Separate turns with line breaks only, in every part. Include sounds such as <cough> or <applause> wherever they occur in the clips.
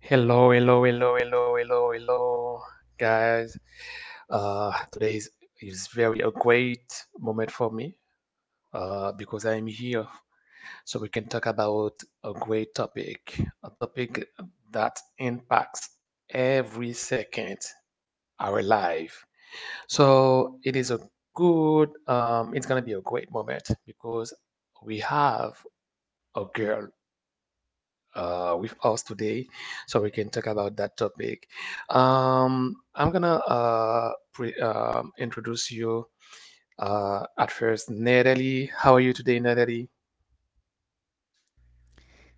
Hello, hello, hello, hello, hello, hello, guys. Today is, very a great moment for me because I am here so we can talk about a great topic, a topic that impacts every second our life. So it is a good, it's gonna be a great moment because we have a girl with us today, so we can talk about that topic. I'm gonna introduce you at first. Natalie, how are you today, Natalie?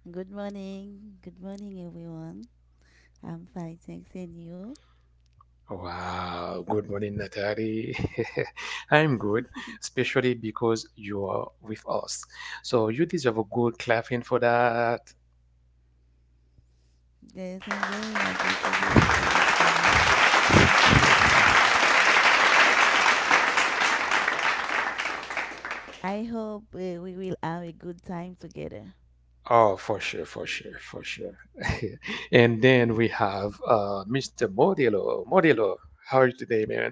Good morning. Good morning, everyone. I'm fine, thanks, and you?
Wow, good morning, Natalie. <laughs> I'm good, especially because you are with us. So you deserve a good clapping for that.
Yes, I'm very happy to be with you this morning.
<laughs>
I hope we will have a good time together.
Oh, for sure, for sure, for sure. <laughs> And then we have Mr. Modelo. Modelo, how are you today, man?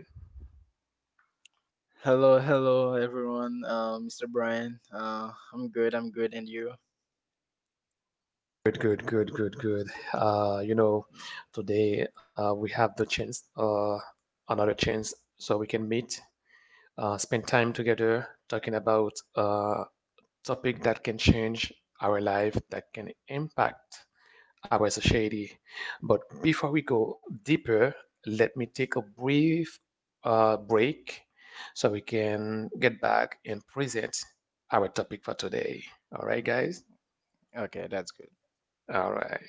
Hello, hello, everyone. Mr. Brian. I'm good. I'm good. And you?
Good, good, good, good, good. Uh, you know, today we have the chance, another chance, so we can meet, spend time together, talking about a topic that can change our life, that can impact Aguas Shady. But before we go deeper, let me take a brief break so we can get back and present our topic for today. All right, guys?
Okay, that's good.
All right.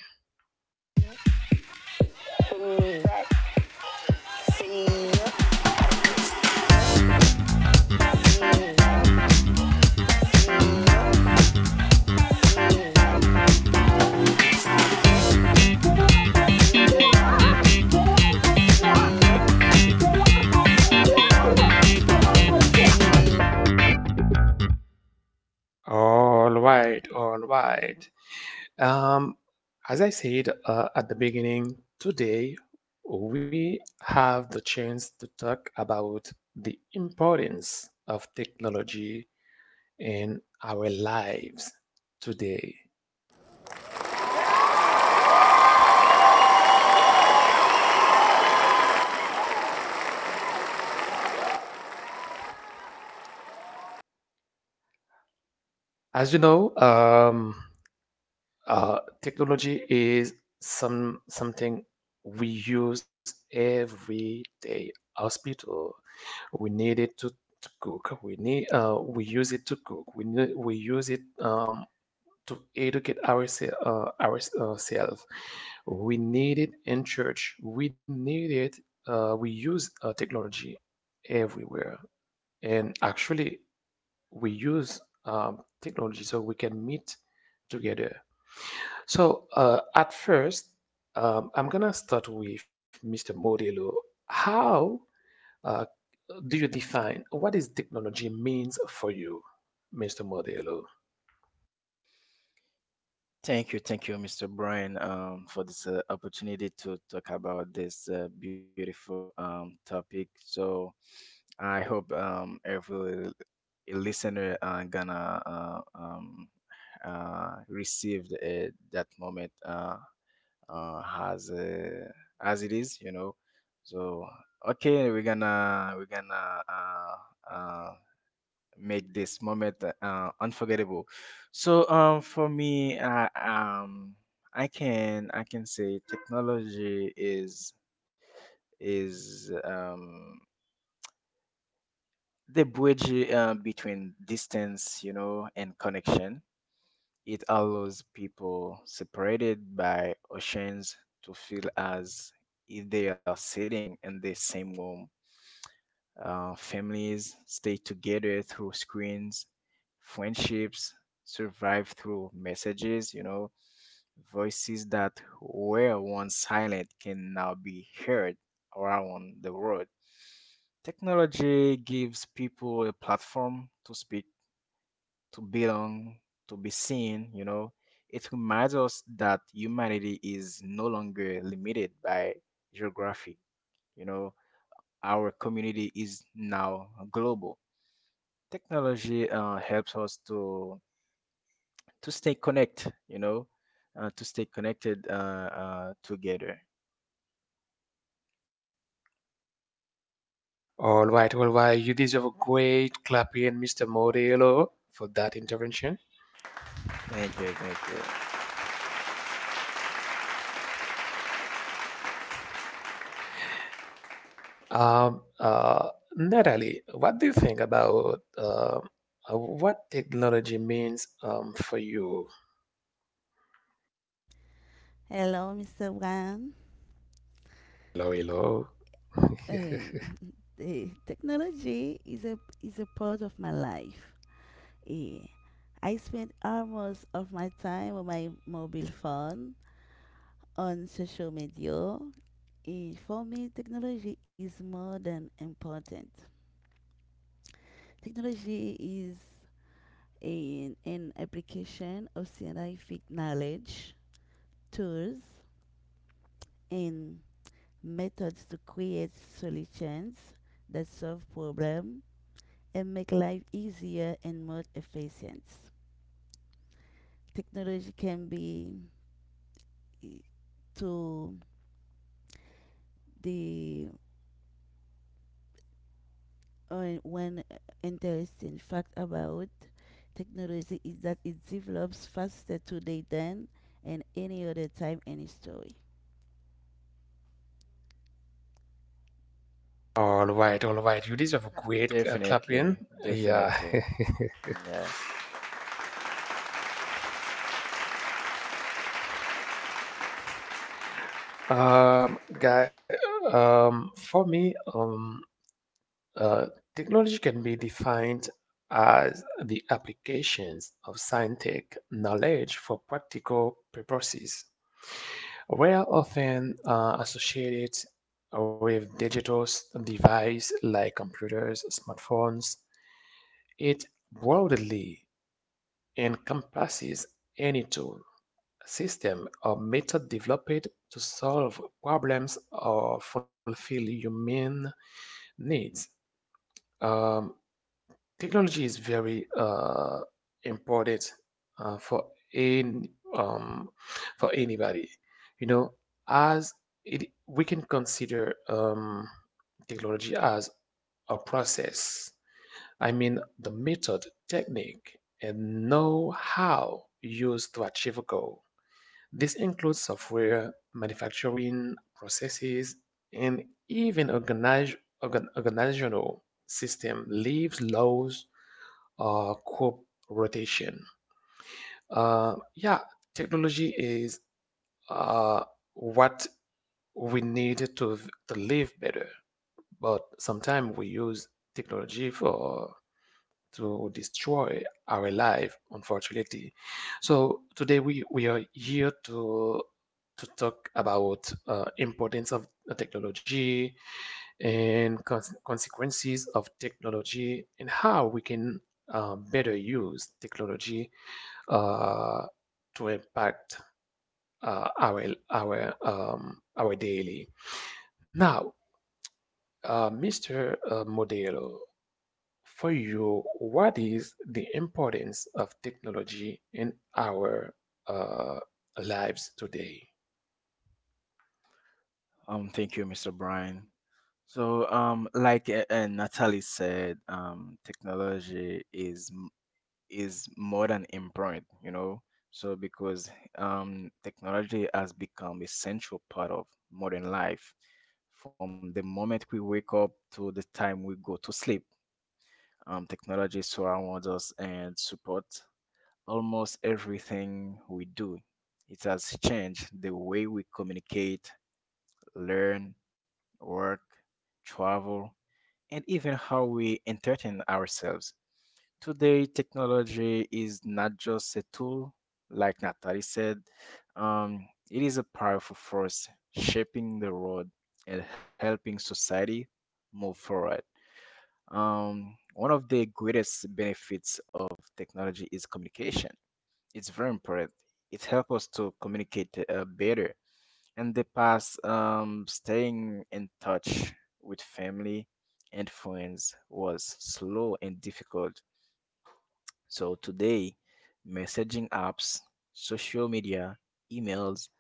All right. All right. Um, as I said at the beginning, today we have the chance to talk about the importance of technology in our lives today. As you know, technology is something we use every day. Hospital, we need it to cook. We use it to cook. We use it to educate ourselves. Ourselves. We need it in church. We need it. We use technology everywhere, and actually, we use technology so we can meet together. So, at first, I'm gonna start with Mr. Modelo. How uh, do you define what is technology means for you, Mr. Modelo?
Thank you, Mr. Brian, for this opportunity to talk about this beautiful topic. So I hope every listener gonna receive that moment. Uh, as uh, as it is. So okay, we're gonna uh, make this moment unforgettable. So for me, I can say technology is the bridge between distance, and connection. It allows people separated by oceans to feel as if they are sitting in the same room. Families stay together through screens, friendships survive through messages, voices that were once silent can now be heard around the world. Technology gives people a platform to speak, to belong, to be seen. It reminds us that humanity is no longer limited by geography, you know. Our community is now global. Technology helps us to stay connected together.
All right, you deserve a great clapping, Mr. Modelo, for that intervention.
Thank you, thank you.
Um, uh, Natalie, what do you think about what technology means for you?
Hello, Mr. Wan.
Hello, hello. <laughs>
Uh, technology is a part of my life. Eh, I spend almost of my time on my mobile phone on social media. For me, technology is more than important. Technology is and application of scientific knowledge, tools, and methods to create solutions that solve problems and make life easier and more efficient. Technology can be eh, to the one interesting fact about technology is that it develops faster today than in any other time in history.
All right, all right. You deserve a great clap in.
Definitely,
Yeah.
definitely. Mm, yeah.
Guy, for me, uh, technology can be defined as the applications of scientific knowledge for practical purposes. We are often associated with digital devices like computers, smartphones. It broadly encompasses any tool, system, or method developed to solve problems or fulfill human needs. Um, Technology is very important for any for anybody. You know, as it we can consider technology as a process. I mean, the method, technique, and know-how used to achieve a goal. This includes software, manufacturing processes, and even organizational system, leaves, laws, cooperation. Yeah, technology is uh, what we need to live better, but sometimes we use technology for to destroy our life, unfortunately. So today we are here to talk about importance of the technology and consequences of technology and how we can better use technology uh, to impact uh, our our daily. Now, Mr. Modelo, for you, what is the importance of technology in our uh, lives today?
Thank you, Mr. Brian. So, like Natalie said, technology is more than important. So because technology has become a central part of modern life. From the moment we wake up to the time we go to sleep, technology surrounds us and supports almost everything we do. It has changed the way we communicate, learn, work, travel, and even how we entertain ourselves. Today, technology is not just a tool, like Natalie said, um, it is a powerful force shaping the world and helping society move forward. One of the greatest benefits of technology is communication. It's very important. It helps us to communicate better. In the past, staying in touch with family and friends was slow and difficult. So today, messaging apps, social media, emails,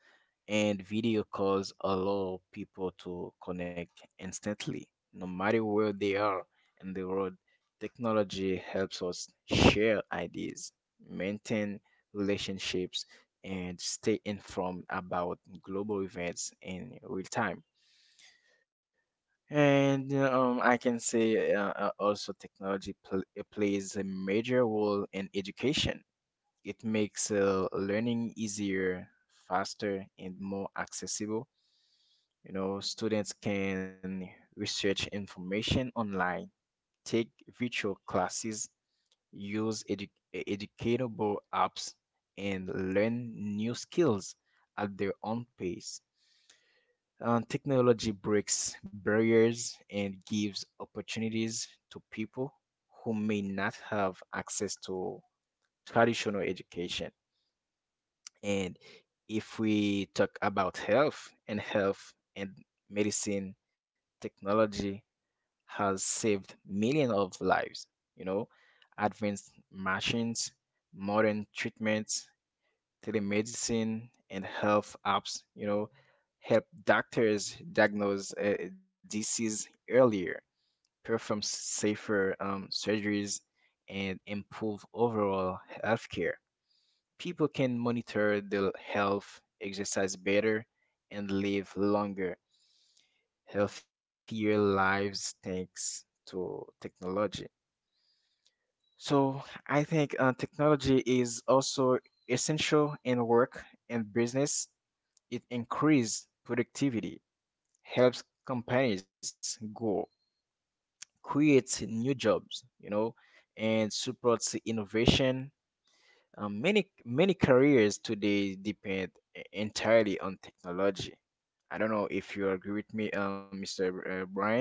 and video calls allow people to connect instantly, no matter where they are in the world. Technology helps us share ideas, maintain relationships, and stay informed about global events in real time. And I can say also technology plays a major role in education. It makes learning easier, faster, and more accessible. Students can research information online, take virtual classes, use educatable apps, and learn new skills at their own pace. Technology breaks barriers and gives opportunities to people who may not have access to traditional education. And if we talk about health and medicine, technology has saved millions of lives. You know, Advanced machines, modern treatments, telemedicine, and health apps, help doctors diagnose disease earlier, perform safer surgeries, and improve overall healthcare. People can monitor their health, exercise better, and live longer, healthier lives thanks to technology. So I think technology is also essential in work and business. It increases productivity, helps companies grow, creates new jobs, and supports innovation. Many careers today depend entirely on technology. I don't know if you agree with me, Mr. Brian,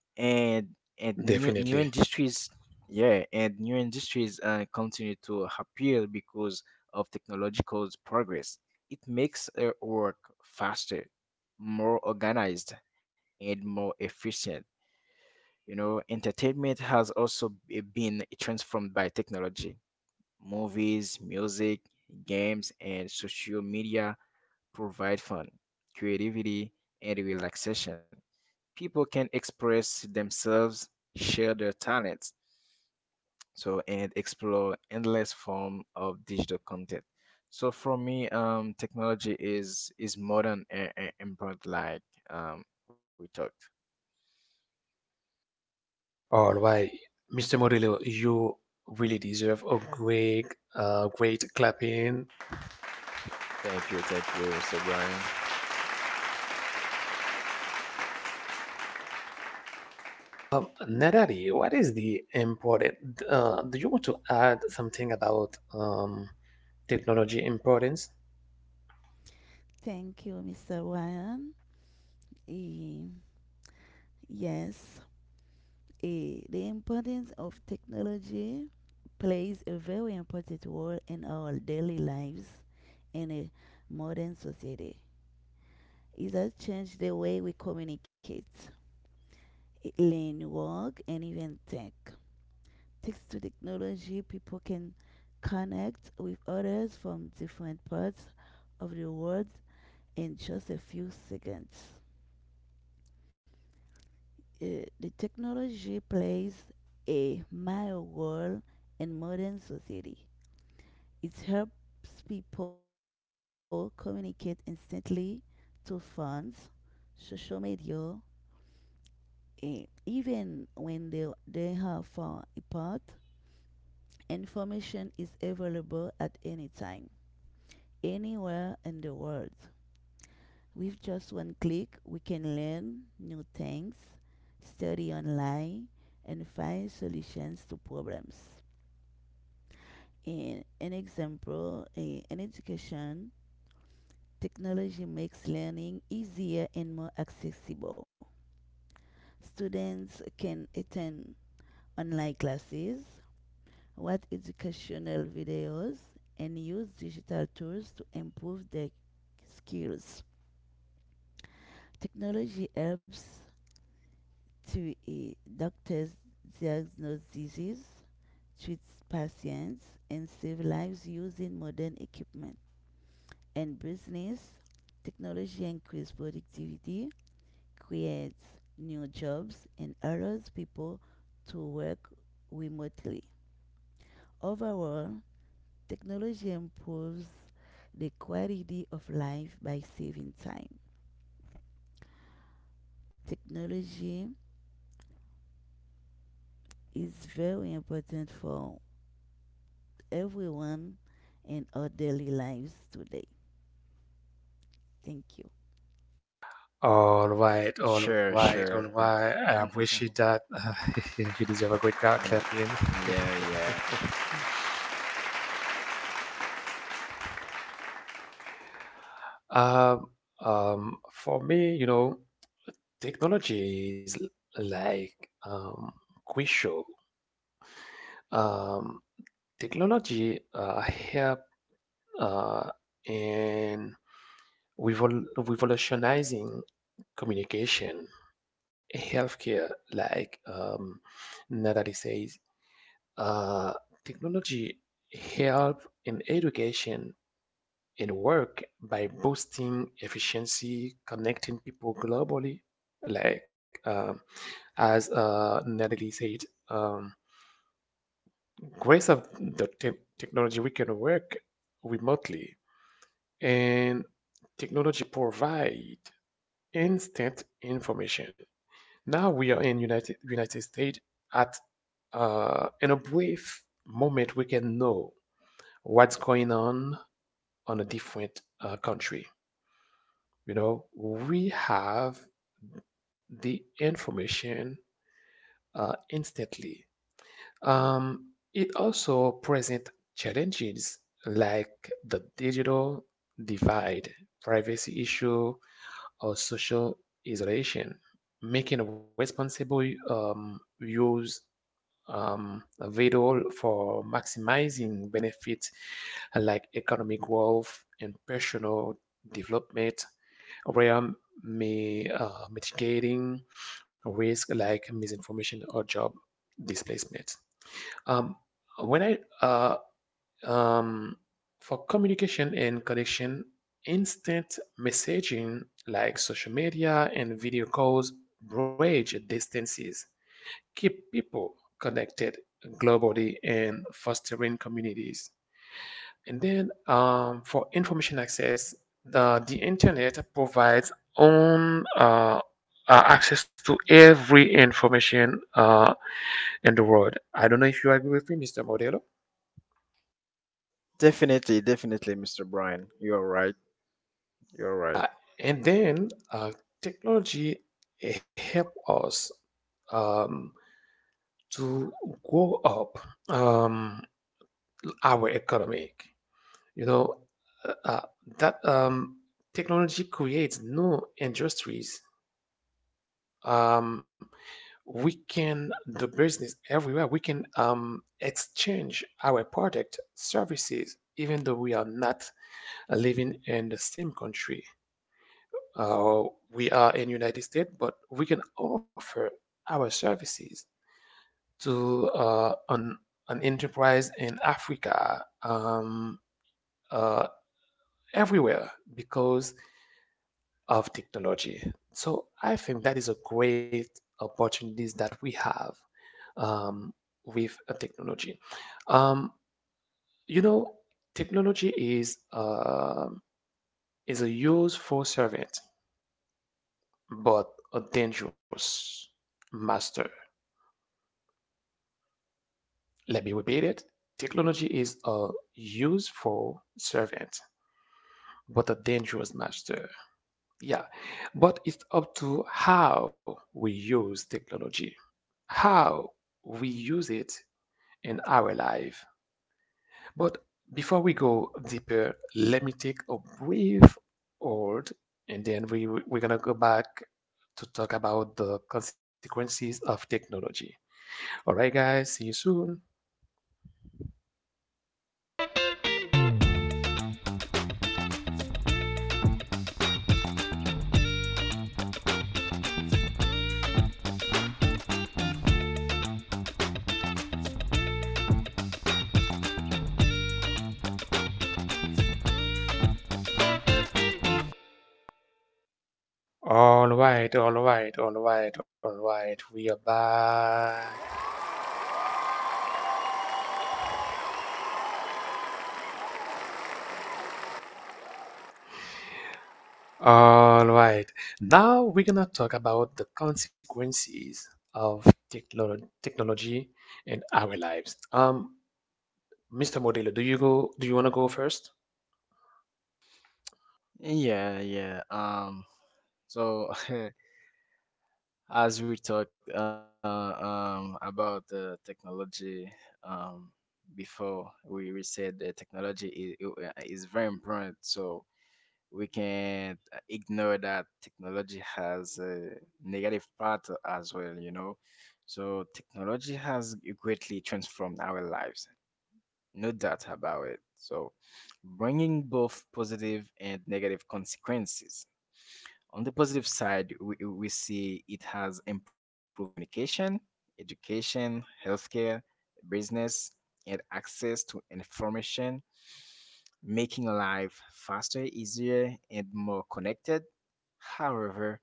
and and new
Definitely.
industries. Yeah, and new industries continue to appear because of technological progress. It makes work faster, more organized, and more efficient. Entertainment has also been transformed by technology. Movies, music, games, and social media provide fun, creativity, and relaxation. People can express themselves, share their talents, so and explore endless form of digital content. So for me, technology is modern and important, like um, we talked.
All right, Mr. Modelo, you really deserve a great clapping.
Thank you, Mr. Brian.
Narari, what is the important? Do you want to add something about technology importance?
Thank you, Mr. Ryan. Eh, Yes, the importance of technology plays a very important role in our daily lives in a modern society. It has changed the way we communicate, learn, work, and even think. Thanks to technology, people can connect with others from different parts of the world in just a few seconds. The technology plays a major role in modern society. It helps people communicate instantly to phones, social media, and even when they are far apart. Information is available at any time, anywhere in the world. With just one click, we can learn new things, study online, and find solutions to problems. In an example, in education, technology makes learning easier and more accessible. Students can attend online classes, watch educational videos, and use digital tools to improve their skills. Technology helps to doctors diagnose diseases, treat patients, and save lives using modern equipment. In business, technology increases productivity, creates new jobs, and allows people to work remotely. Overall, technology improves the quality of life by saving time. Technology is very important for everyone in our daily lives today. Thank you.
All right, all
Sure,
right, all
sure. <laughs>
right. I appreciate that. <laughs> You deserve a
Mm,
great
yeah,
clap in.
yeah.
Um, for me, you know, technology is like quick show. Um, Technology help uh, and revolutionizing communication, healthcare, like Natalie says, uh, technology help in education and work by boosting efficiency, connecting people globally. Like as Natalie said, um, grace of the technology, we can work remotely and technology provide instant information. Now we are in United States. At In a brief moment we can know what's going on a different country. You know, we have the information instantly. It also present challenges like the digital divide, privacy issue, or social isolation, making responsible use vital for maximizing benefits like economic growth and personal development, where may mitigating risk like misinformation or job displacement. Um, when I uh, um, for communication and connection, instant messaging like social media and video calls bridge distances, keep people connected globally, and fostering communities. And then for information access, the internet provides own access to every information in the world. I don't know if you agree with me, Mr. Modelo.
Definitely, definitely, Mr. Brian. You're right. You're right.
And then technology help us um, to grow up um, our economy. You know, uh, uh, that technology creates new industries. Um, we can do business everywhere. We can exchange our product, services, even though we are not living in the same country. uh, we are in United States, but we can offer our services to an enterprise in Africa, uh, everywhere because of technology. So I think that is a great opportunities that we have um, with technology. Um, you know, technology is a useful servant, but a dangerous master. Let me repeat it. Technology is a useful servant, but a dangerous master. Yeah, but it's up to how we use technology, how we use it in our life. But before we go deeper, let me take a brief hold and then we're gonna go back to talk about the consequences of technology. All right, guys, see you soon. All right, all right, all right, all right. We are back. All right. Now we're gonna talk about the consequences of technology in our lives. Mr. Modelo, do you go? Do you wanna go first?
Yeah, yeah. So <laughs> as we talked about the technology um, before, we said that technology is very important. So we can't ignore that technology has a negative part as well. So technology has greatly transformed our lives, no doubt about it. So bringing both positive and negative consequences. On the positive side, we see it has improved communication, education, healthcare, business, and access to information, making life faster, easier, and more connected. However,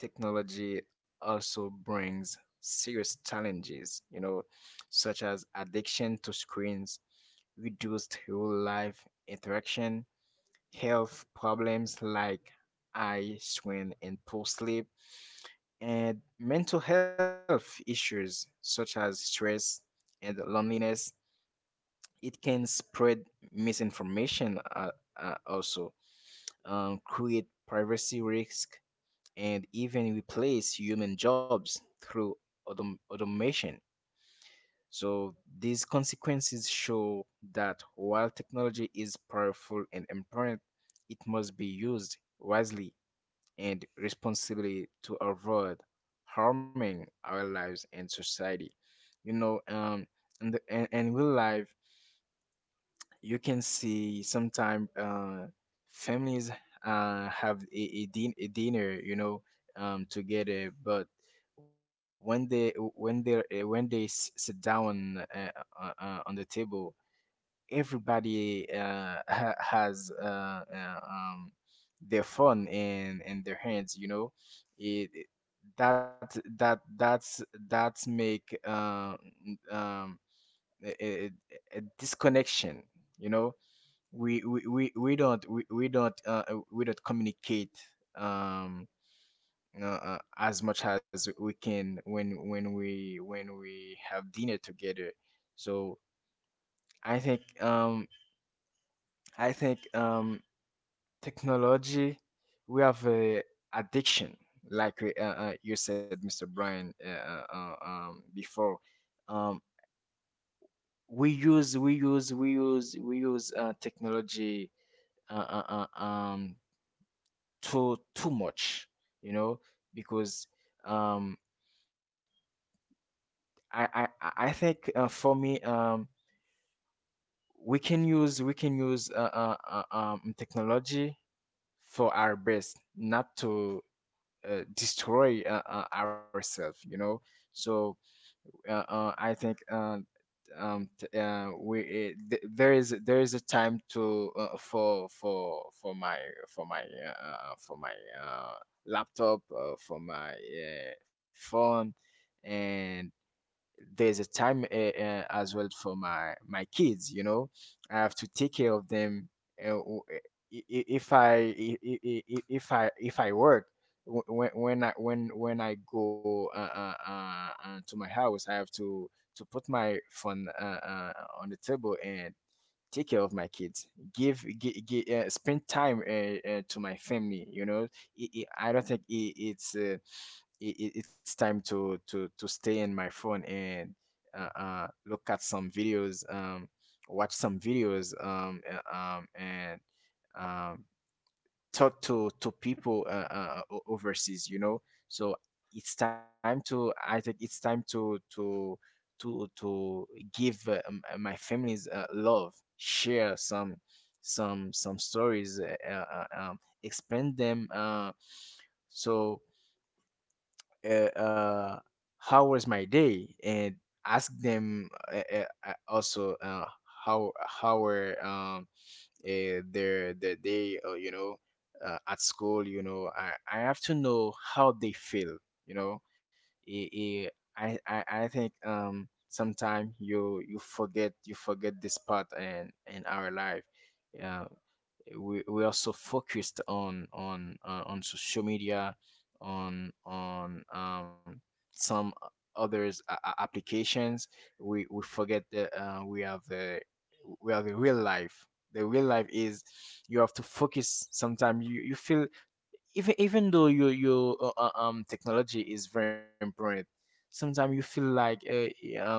technology also brings serious challenges, such as addiction to screens, reduced real life interaction, health problems like eye strain and poor sleep, and mental health issues such as stress and loneliness. It can spread misinformation, also create privacy risk, and even replace human jobs through automation. So these consequences show that, while technology is powerful and important, it must be used wisely and responsibility to avoid harming our lives and society. You know, um, and real life, you can see sometimes families have a dinner, together, but when they sit down on the table, everybody <laughs> has uh, um, their phone in their hands. it, it- that that that's that's make n- um a, a, a disconnection you know we we don't communicate um as much as we can when we have dinner together. So i think um I think technology, we have addiction, like you said, Mr. Brian, before. Um, we use technology uh, uh, uh, um, too much, you know, because um, I think for me, we can use technology for our best, not to destroy ourselves. So I think t- we it, th- there is a time to for my for my for my uh, laptop, for my phone, and there's a time as well for my kids. I have to take care of them. Uh, w- I- if I if I work, when I go to my house, I have to put my phone on the table and take care of my kids, give, give, give spend time to my family. I I don't think I it's time to stay in my phone and look at some videos, watch some videos, and um talk to people overseas. So it's time to I think it's time to give my family's love, share some stories, explain them, so, uh, uh, how was my day and ask them also, how were their day at school. I have to know how they feel you know I I think sometimes you forget, you forget this part, and in our life. Uh, we are so focused on social media, on some others applications, we forget that we have the real life. The real life is, you have to focus. Sometimes you feel, even though your technology is very important, sometimes you feel like um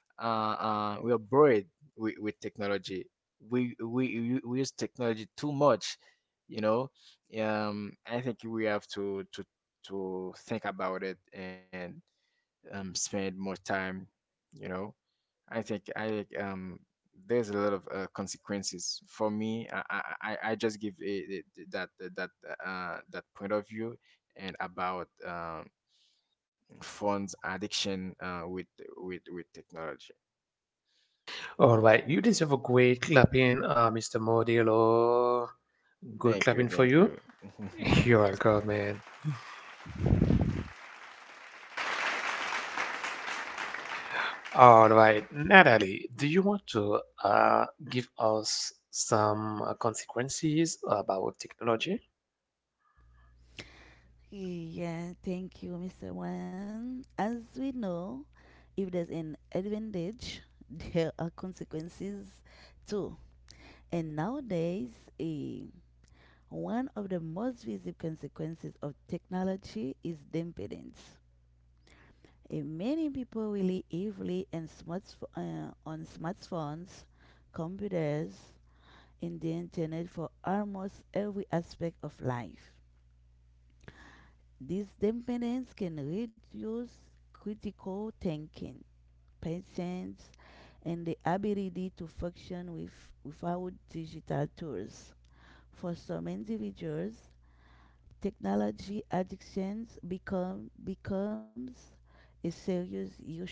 we are buried with technology. We use technology too much, you know. I think we have to think about it and spend more time, you know. I think, there's a lot of consequences for me. I just give that that that point of view and about phones addiction with technology.
All right. You deserve a great clapping, Mr. Modelo. Good
Thank
clapping
you,
for
thank
you.
you.
<laughs> You're
<laughs>
welcome, man. All right, Natalie, do you want to give us some consequences about technology?
Yeah, thank you, Mr. Wan. As we know, if there's an advantage, <laughs> there are consequences too. And nowadays, eh, one of the most visible consequences of technology is dependence. Many people rely heavily on, on smartphones, computers, and the internet for almost every aspect of life. This temperance can reduce critical thinking, patience, and the ability to function without digital tools. For some individuals, technology addictions become becomes a serious issue,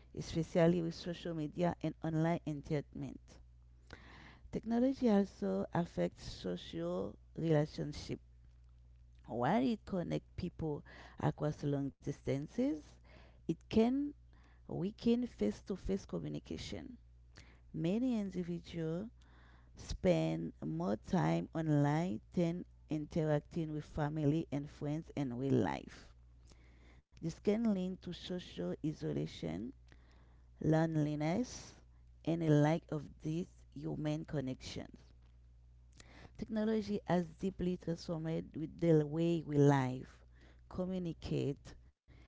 especially with social media and online entertainment. Technology also affects social relationships. While it connects people across long distances, it can weaken face-to-face communication. Many individuals spend more time online than interacting with family and friends in real life. This can lead to social isolation, loneliness, and a lack of these human connections. Technology has deeply transformed with the way we live, communicate,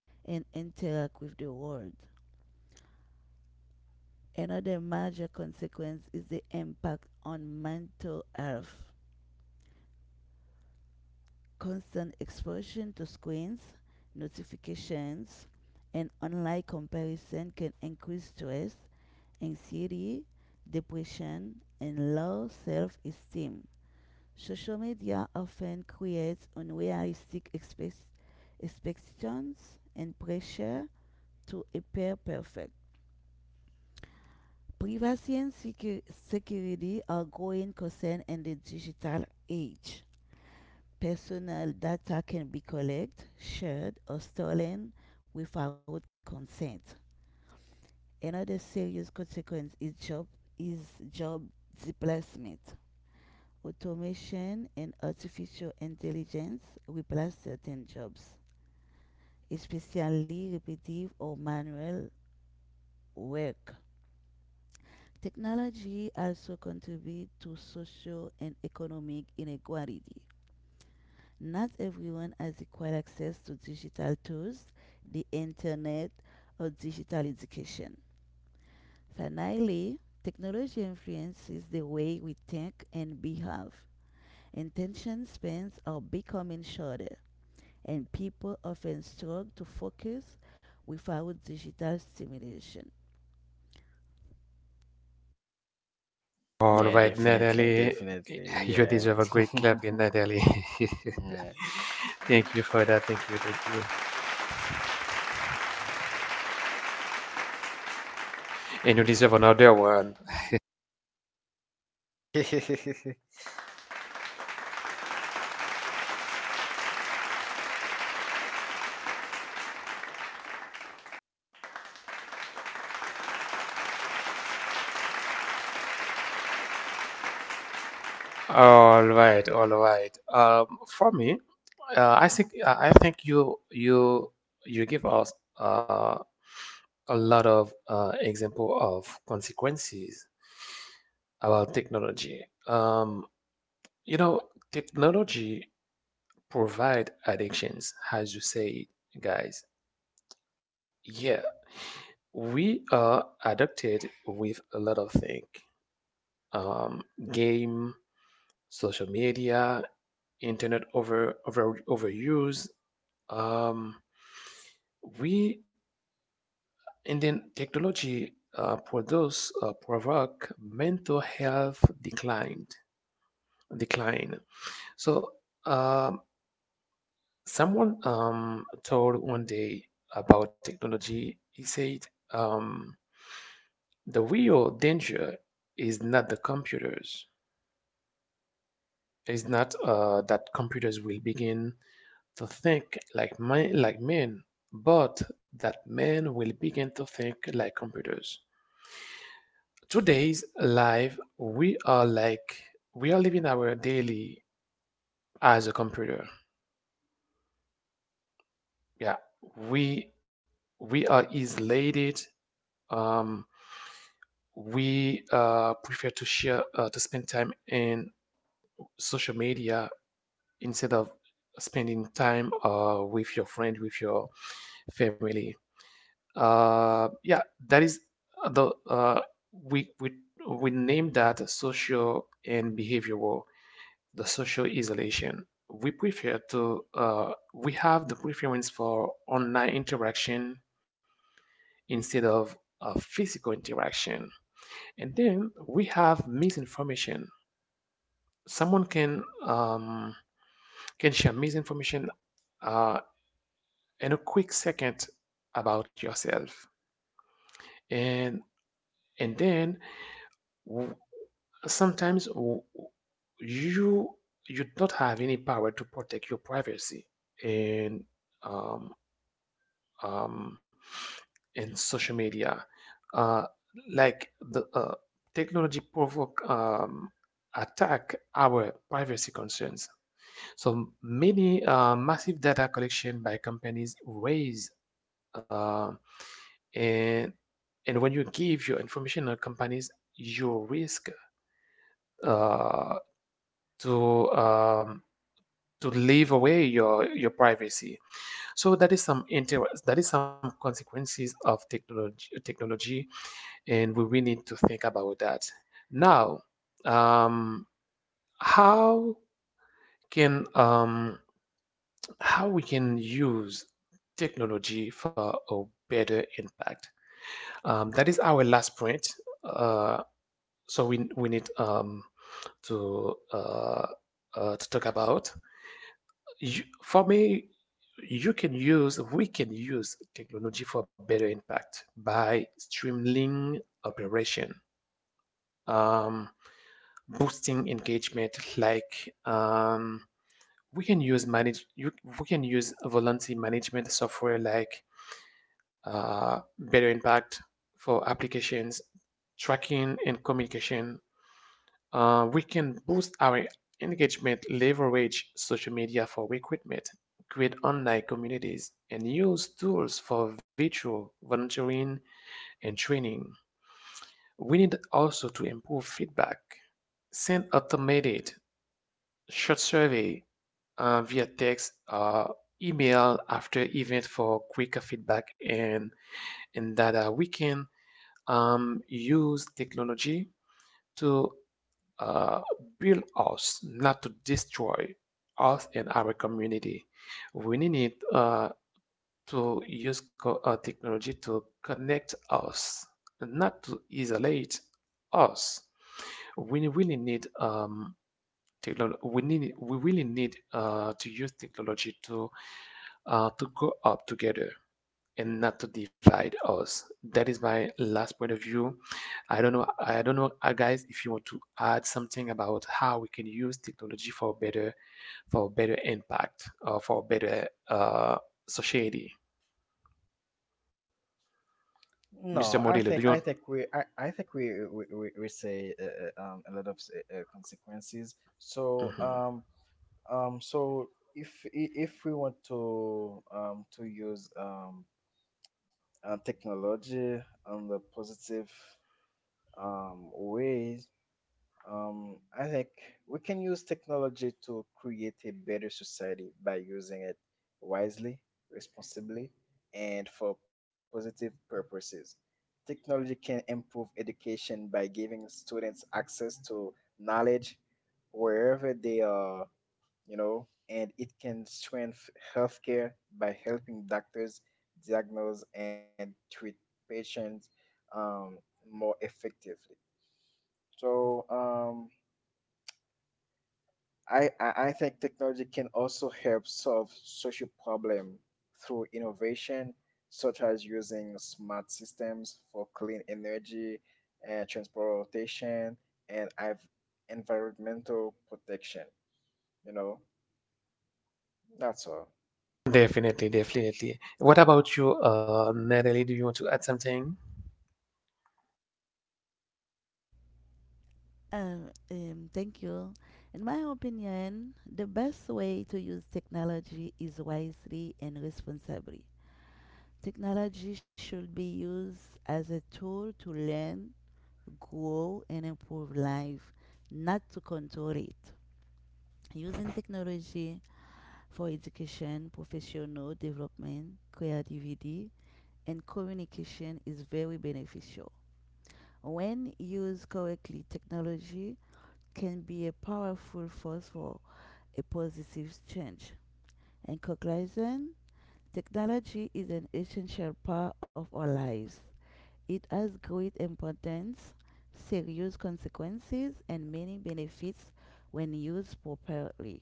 and interact with the world. Another major consequence is the impact on mental health. Constant exposure to screens, notifications, and online comparison can increase stress, anxiety, depression, and low self esteem. Social media often creates expectations and pressure to appear perfect. Privacy and security are growing concerns in the digital age. Personal data can be collected, shared, or stolen without consent. Another serious consequence is is job displacement. Automation and artificial intelligence replace certain jobs, especially repetitive or manual work. Technology also contributes to social and economic inequality. Not everyone has equal access to digital tools, the internet, or digital education. Finally, technology influences the way we think and behave. Attention spans are becoming shorter, and people often struggle to focus without digital stimulation.
All
Yeah,
right,
definitely,
Natalie, <laughs>
definitely.
You
Yeah.
deserve a great clap in
<laughs>
Natalie.
Yeah.
<laughs> Thank you for that. Thank you. Thank you. And you deserve another one.
<laughs>
All right, all right. For me, I think you give us uh, a lot of example of consequences about technology. You know, technology provide addictions, as you say, guys. Yeah, we are addicted with a lot of things. Um, game, social media, internet overuse. Um, we and then technology produce provoke mental health decline. So. um. Someone told one day about technology. He said, um, the real danger is not the computers. It's not that computers will begin to think like man, like men, but that men will begin to think like computers. Today's life, we are like we are living our daily as a computer. Yeah, we we are isolated. Um, we prefer to share to spend time in social media instead of spending time with your friend with your family. Yeah, that is the we we we name that social and behavioral, the social isolation. We have the preference for online interaction instead of physical interaction. And then we have misinformation. Someone can share misinformation uh, in a quick second about yourself. And and then w- sometimes you you don't have any power to protect your privacy in um, um, in social media uh, like the technology provoke attack our privacy concerns. So many massive data collection by companies raise, uh, and when you give your information to companies, you risk uh, to um, to leave away your privacy. So that is some inter that is some consequences of technology, and we need to think about that. Now, um, how can um, how we can use technology for a better impact. That is our last point. Uh, so we need to uh, to talk about. For me, you can use we can use technology for better impact by streamlining operation, um, boosting engagement. Like we can use we can use volunteer management software like better impact for applications, tracking, and communication. We can boost our engagement, leverage social media for recruitment, create online communities, and use tools for virtual volunteering and training. We need also to improve feedback, send automated short survey via text or email after event for quicker feedback and data. We can use technology to uh, build us, not to destroy us and our community. We need it to use technology to connect us, not to isolate us. We really need technology. We need. We really need to use technology to go up together and not to divide us. That is my last point of view. I don't know. I don't know, guys, if you want to add something about how we can use technology for better, impact or for better society. Mr.
No,
Modelo, do you want?
I think we say a lot of consequences. So
Mhm.
so if i- if we want to use technology on the positive way. I think we can use technology to create a better society by using it wisely, responsibly, and for positive purposes. Technology can improve education by giving students access to knowledge wherever they are, and it can strengthen healthcare by helping doctors diagnose and treat patients um, more effectively. So, I think technology can also help solve social problem through innovation, such as using smart systems for clean energy and transportation and I've environmental protection. You know, that's all.
Definitely, definitely. What about you, Natalie? Do you want to add something?
Uh, thank you. In my opinion, the best way to use technology is wisely and responsibly. Technology should be used as a tool to learn, grow, and improve life, not to control it. Using technology for education, professional development, creativity, and communication is very beneficial. When used correctly, technology can be a powerful force for a positive change. In conclusion, technology is an essential part of our lives. It has great importance, serious consequences, and many benefits when used properly.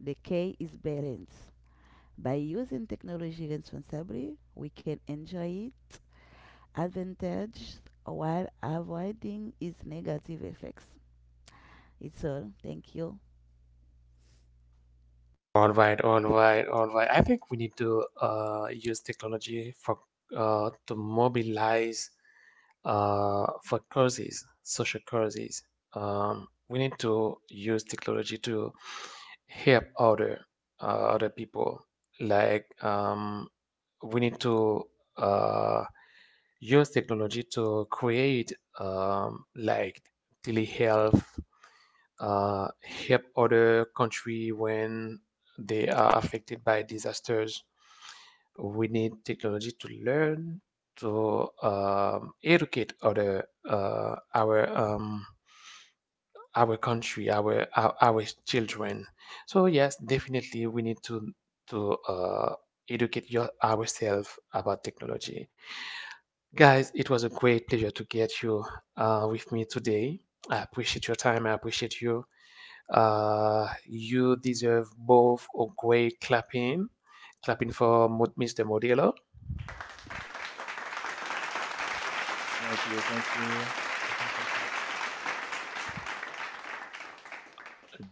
The key is balance. By using technology responsibly, we can enjoy its advantages while avoiding its negative effects. It's all. Thank you.
All right, all right, all right. I think we need to use technology for to mobilize for causes, social causes. We need to use technology to help other people. Like we need to uh, use technology to create like telehealth help other country when they are affected by disasters. We need technology to learn to educate other our country, our children. So yes, definitely we need to educate ourselves about technology. Guys, it was a great pleasure to get you with me today. I appreciate your time. I appreciate you. You deserve both a great clapping for Mr. Modelo,
Thank you, <laughs>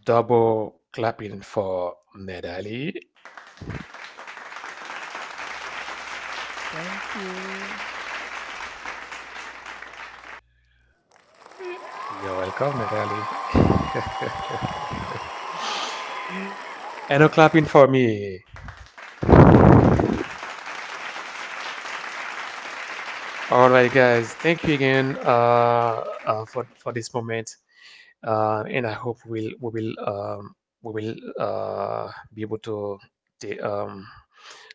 double clapping for Nedali.
Thank you.
You're welcome, Nedali. <laughs> And a clapping for me. All right, guys. Thank you again for this moment, and I hope we will be able to ta- um,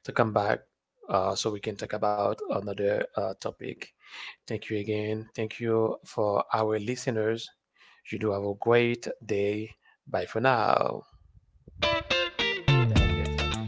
come back so we can talk about another topic. Thank you again. Thank you for our listeners. You do have a great day. Bye for now.
thank you, thank you.